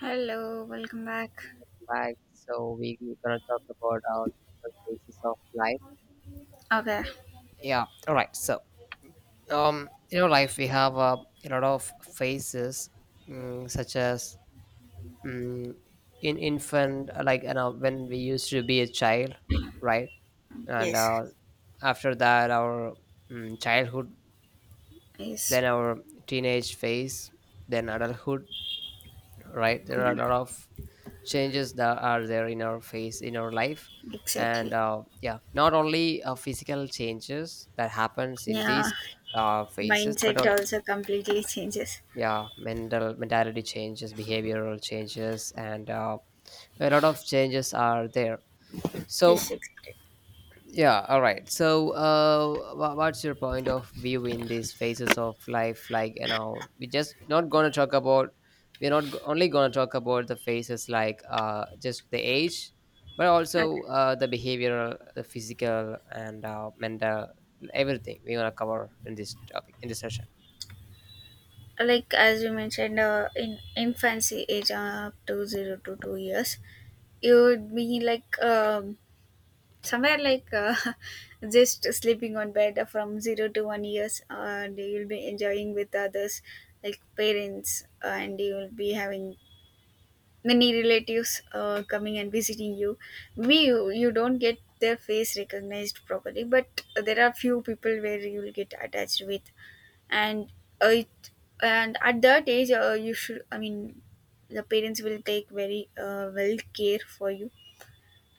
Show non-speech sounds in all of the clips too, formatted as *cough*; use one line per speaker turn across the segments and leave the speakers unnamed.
Hello, welcome back.
We gonna talk about our different phases of life.
Okay.
Yeah, all right. So in our life we have a lot of phases, such as mm, in infant, like you know when we used to be a child, right? And
Yes.
after that our childhood,
Yes,
then our teenage phase, then adulthood, right? There are a lot of changes that are there in our face in our life and
exactly.
yeah not only physical changes that happens in these
Yeah,
phases but
mindset
also
also completely changes.
yeah mentality changes, behavioral changes, and a lot of changes are there. So
Yes, exactly.
yeah, all right. So, what's your point of view in these phases of life? Like, you know, we're just not gonna talk about. We're not go- only gonna talk about the phases like just the age, but
Okay.
also the behavioral, the physical, and mental, everything. We're gonna cover in this topic in this session.
Like as you mentioned, in infancy age up to 0 to 2 years, you would be like somewhere like *laughs* just sleeping on bed from 0 to 1 years, and you'll be enjoying with others, like parents, and you'll be having many relatives coming and visiting you. Maybe you don't get their face recognized properly, but there are few people where you will get attached with. And uh, it, and at that age you should, I mean, the parents will take very well care for you.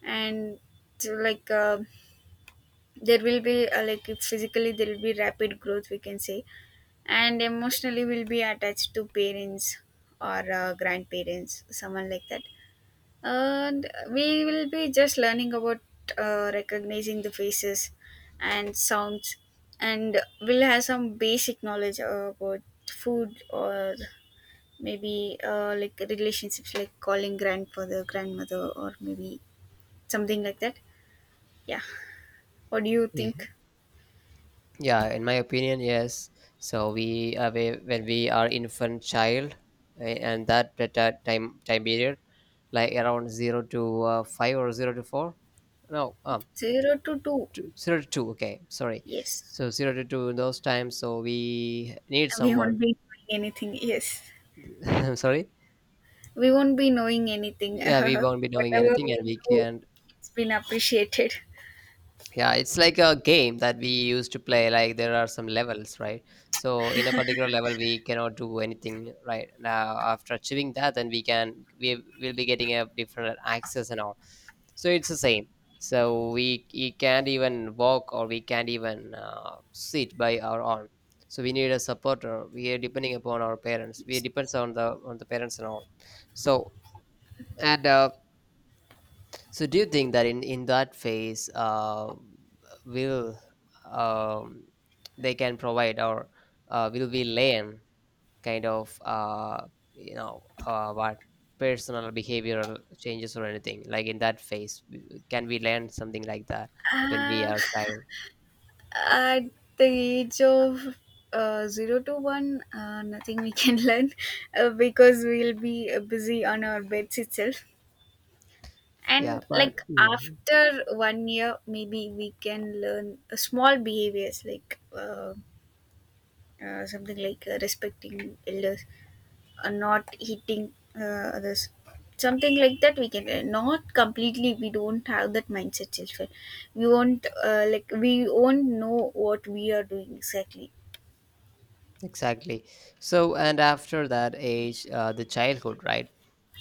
And so like there will be like physically there will be rapid growth, we can say, and emotionally will be attached to parents or grandparents, someone like that. And we will be just learning about recognizing the faces and sounds, and we'll have some basic knowledge about food, or maybe like relationships like calling grandfather, grandmother, or maybe something like that. Yeah, what do you
Yeah,
think?
yeah. In my opinion, yes. So we when we are infant child, and that time period, like around 0 to 5 or 0 to 4, no,
Zero to two.
0 to 2, okay, sorry.
Yes,
So 0 to 2, in those times, so we need
we
someone.
won't be knowing anything. Yes,
*laughs* I'm sorry,
we won't be knowing anything, *laughs*
yeah, we won't be knowing
whatever
anything,
we
and we
do.
can.
It's been appreciated.
Yeah, it's like a game that we used to play. Like there are some levels, right? So in a particular level, we cannot do anything right now. After achieving that, then we will be getting a different access and all. So it's the same. So we can't even walk or we can't even sit by our own. So we need a supporter. We are depending upon our parents. We
Yes.
depends on the parents and all. So and so do you think that in that phase, will um, they can provide or will we learn kind of what personal behavioral changes or anything like in that phase? Can we learn something like that when we
Uh,
are child?
at the age of 0 to 1, nothing we can *laughs* learn, because we'll be busy on our beds itself.
Yeah,
And
but
like
mhm.
after one year, maybe we can learn small behaviors like something like respecting elders, not hitting, this, something like that, we can not completely, we don't have that mindset, children. We won't like we won't know what we are doing exactly.
Exactly. So, and after that age, the childhood, right?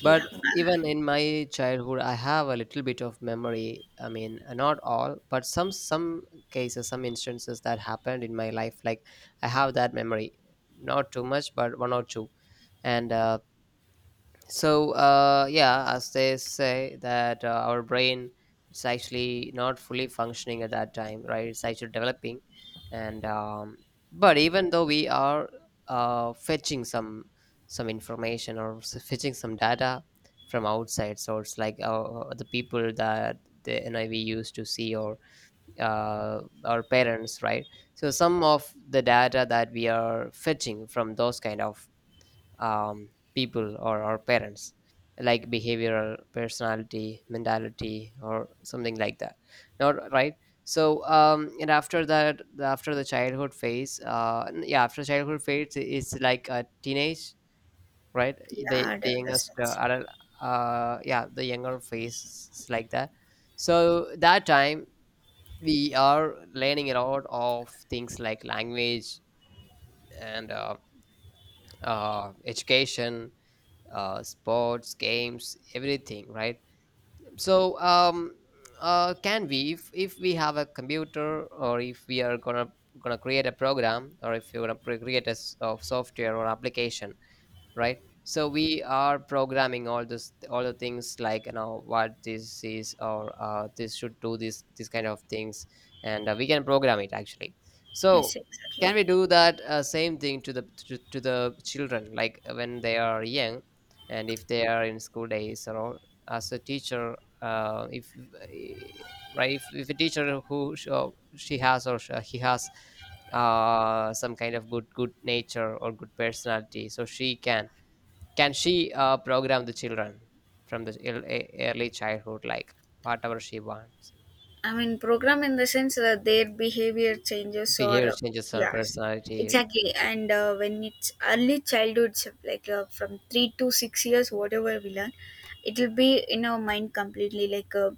Yeah.
But even in my childhood, I have a little bit of memory. I mean, not all, but some cases, some instances that happened in my life. Like I have that memory, not too much, but one or two. And so yeah, as they say that our brain, it's actually not fully functioning at that time, right? It's actually developing. And but even though we are fetching some information, or fetching some data from outside source, like the people that the NIV used to see, or our parents, right? So some of the data that we are fetching from those kind of people or our parents, like behavioral, personality, mentality or something like that, not right? So and after that, after the childhood phase, yeah, after childhood phase is like a teenage, right? the
Yeah,
the youngest
adolescence.
adult, yeah, the younger phase is like that. So that time we are learning a lot of things like language and education, sports, games, everything, right? So, can we, if we have a computer, or if we are gonna create a program, or if you're gonna create a s- of software or application, right? So we are programming all the things, like you know what this is, or this should do this, this kind of things, and we can program it actually. So
Yes,
can
exactly.
we do that same thing to the children, like when they are young, and if they are in school days or all, as a teacher, if eh, right, if a teacher who or she has, or he has some kind of good nature or good personality, so she can she program the children from the early childhood, like whatever she wants.
I mean, program in the sense that their behavior changes, or
Behavior changes, her
yes,
personality.
exactly. And when it's early childhood, so like from 3 to 6 years, whatever we learn, it will be in our mind completely, like uh,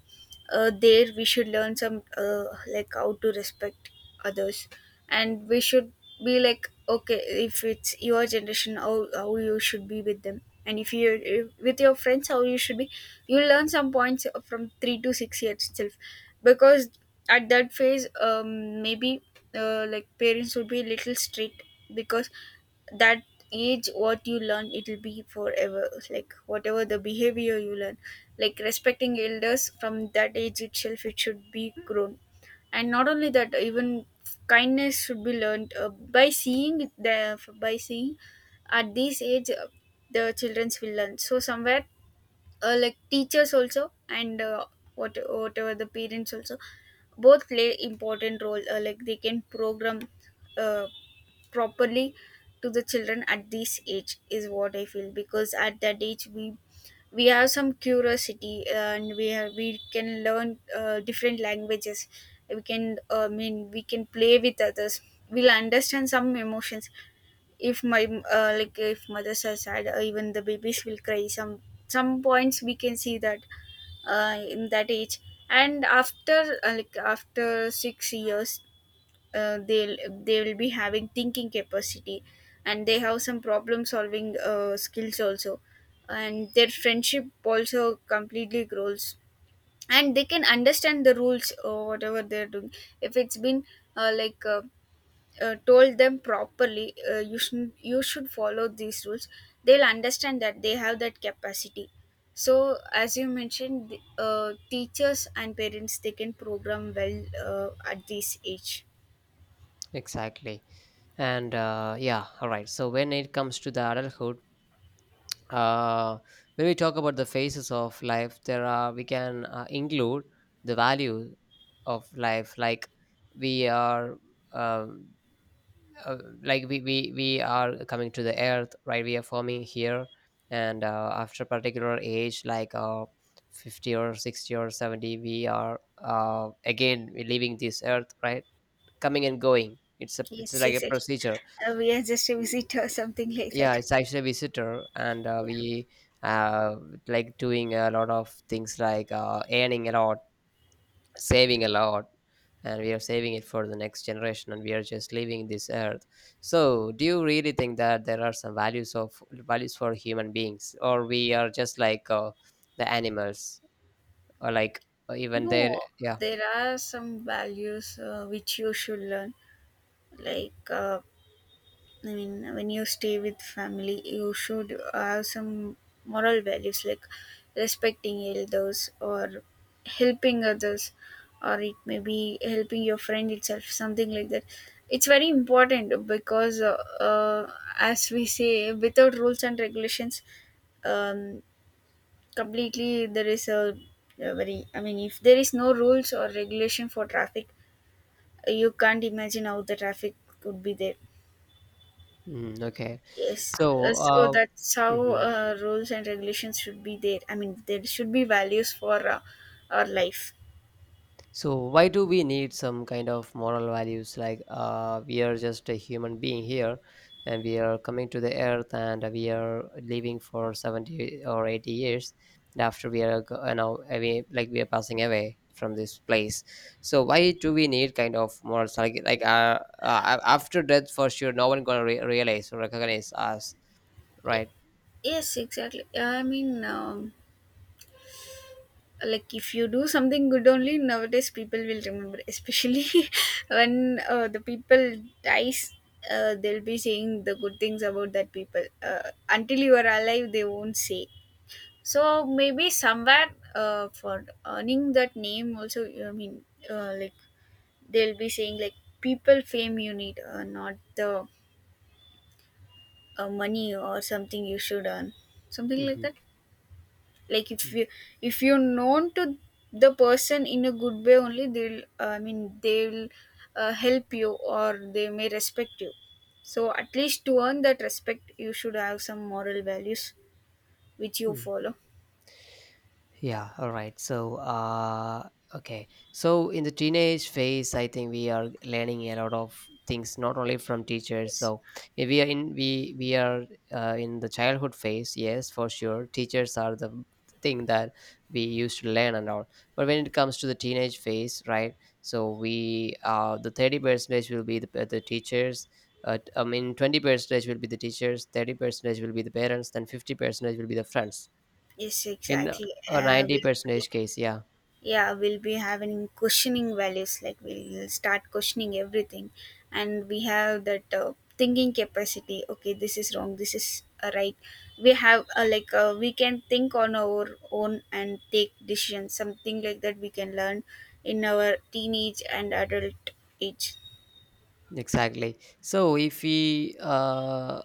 uh, there we should learn some like how to respect others. And we should be like okay, if it's your generation, how you should be with them, and if you're if, with your friends, how you should be. You'll learn some points from 3 to 6 years itself, because at that phase, um, maybe like parents would be a little strict, because that age, what you learn, it'll be forever, like whatever the behavior you learn, like respecting elders from that age itself, it should be grown. And not only that, even kindness should be learned by seeing. At this age the childrens will learn, so somewhere like teachers also, and whatever, the parents also, both play important role, like they can program uh, properly to the children at this age, is what I feel. Because at that age, we have some curiosity, and we can learn different languages. We can I mean we can play with others. We'll understand some emotions. If my like if mothers are sad, even the babies will cry, some points we can see that, in that age. And after like after 6 years, uh, they'll they will be having thinking capacity, and they have some problem solving skills also. And their friendship also completely grows, and they can understand the rules or whatever they're doing, if it's been uh, like uh, told them properly, you should follow these rules. They'll understand, that they have that capacity. So as you mentioned, teachers and parents, they can program well at this age.
Exactly. And yeah, all right. So when it comes to the adulthood, uh, when we talk about the phases of life, there are we can include the value of life, like we are um like we are coming to the earth, right? We are forming here, and after a particular age, like 50 or 60 or 70, we are again we're leaving this earth, right? Coming and going, it's a, it's
Yes,
like a
exactly.
procedure.
We are just a visitor, *laughs* something like
Yeah,
that.
it's actually a visitor, and uh,
Yeah.
we uh, like doing a lot of things, like earning a lot, saving a lot, and we are saving it for the next generation, and we are just leaving this earth. So do you really think that there are some values of values for human beings, or we are just like the animals, or like, or even
No,
there? Yeah.
there are some values which you should learn, like, I mean, when you stay with family, you should have some moral values, like respecting elders, or helping others, or it may be helping your friend itself, something like that. It's very important because, as we say, without rules and regulations, um, completely there is a very, I mean, if there is no rules or regulation for traffic, you can't imagine how the traffic could be there.
Mm, okay.
Yes,
So
so that's how
mhm.
rules and regulations should be there. I mean, there should be values for our life.
So why do we need some kind of moral values? Like we are just a human being here, and we are coming to the earth, and we are living for 70 or 80 years. And after we are, you know, away, like we are passing away from this place. So why do we need kind of morals? Like after death, for sure, no one gonna realize or recognize us,
Y-
right?
Yes, exactly. I mean, like if you do something good only nowadays, people will remember. Especially *laughs* when the people dies, they'll be saying the good things about that people. Until you are alive, they won't say. So maybe somewhere for earning that name also. I mean, like they'll be saying like, people fame you need, not the money or something you should earn, something like that. Like
Mm-hmm.
if you, if you're known to the person in a good way, only they'll I mean they'll help you, or they may respect you. So at least to earn that respect, you should have some moral values which you follow.
Yeah, all right. So, okay. So, in the teenage phase, I think we are learning a lot of things, not only from teachers.
Yes.
So, if we are in we are in the childhood phase. Yes, for sure, teachers are the thing that we used to learn and all. But when it comes to the teenage phase, right? So we the 30 percentage will be the teachers. I mean, 20 percentage will be the teachers. 30 percentage will be the parents. Then 50 percentage will be the friends
Yes,
in
exactly.
a 90
We'll be
percentage case. Yeah,
Yeah, we'll be having questioning values, like we'll start questioning everything. And we have that thinking capacity, okay this is wrong, this is right. We have we can think on our own and take decisions, something like that we can learn in our teenage and adult age.
exactly. so if we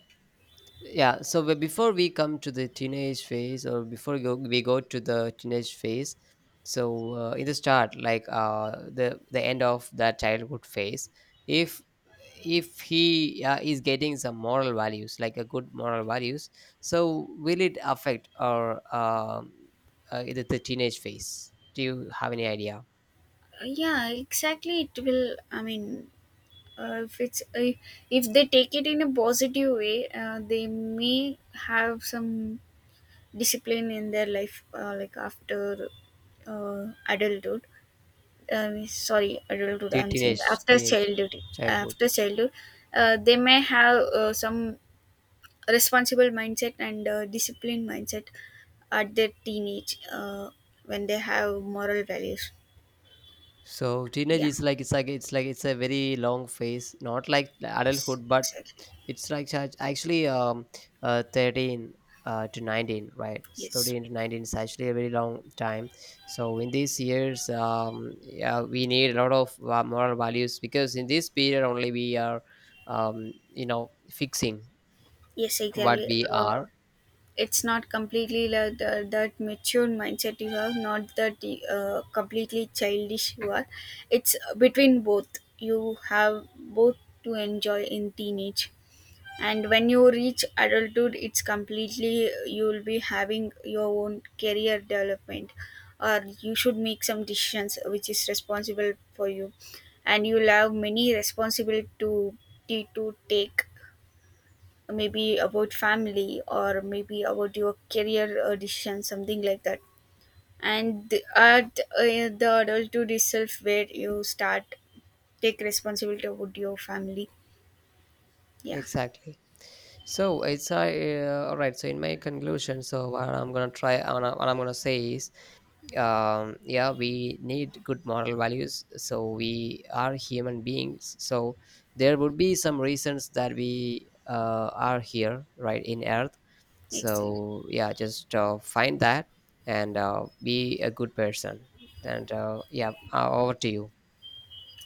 yeah, so but before we come to the teenage phase, or we go to the teenage phase, so in the start, like the end of that childhood phase, if if he is getting some moral values, like a good moral values, so will it affect our the teenage phase, do you have any idea?
Yeah, exactly, it will. I mean, uh, if it's uh, if they take it in a positive way, they may have some discipline in their life, like after adulthood, sorry, adulthood
Te-
I'm saying,
teenage
after
teenage
childhood.
childhood.
After childhood they may have some responsible mindset and disciplined mindset at their teenage, when they have moral values.
So teenage
Yeah.
is like, it's a very long phase, not like the
Yes,
adulthood, but
exactly.
it's like actually 13 to 19, right? It's
Yes.
13 to 19 is actually a very long time. So in these years, yeah, we need a lot of moral values, because in this period only we are, you know, fixing
Yes,
what
exactly.
we
uh,
are.
it's not completely like that mature mindset you have, not that completely childish you are. It's between both, you have both, to enjoy in teenage. And when you reach adulthood, it's completely, you'll be having your own career development, or you should make some decisions which is responsible for you. And you'll have many responsibility to take, maybe about family or maybe about your career decision, something like that. And the- at the adulthood itself where you start take responsibility about your family. Yeah.
Exactly. So it's all right. So in my conclusion, so what I'm gonna try, what I'm gonna say is yeah, we need good moral values. So we are human beings, so there would be some reasons that we are here, right, in earth.
Exactly.
So yeah, just find that, and be a good person. And yeah, over to you.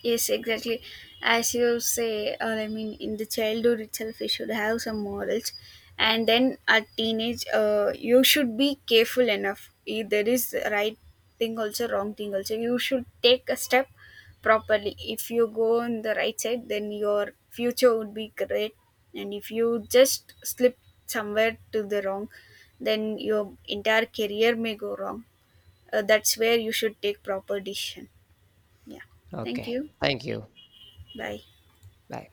Yes, exactly. As you say, or I mean, in the childhood itself, we should have some morals, and then at teenage, you should be careful enough. If there is right thing also, wrong thing also, you should take a step properly. If you go on the right side, then your future would be great, and if you just slip somewhere to the wrong, then your entire career may go wrong. That's where you should take proper decision. Yeah. Thank
Okay,
you.
thank you.
Bye.
Bye.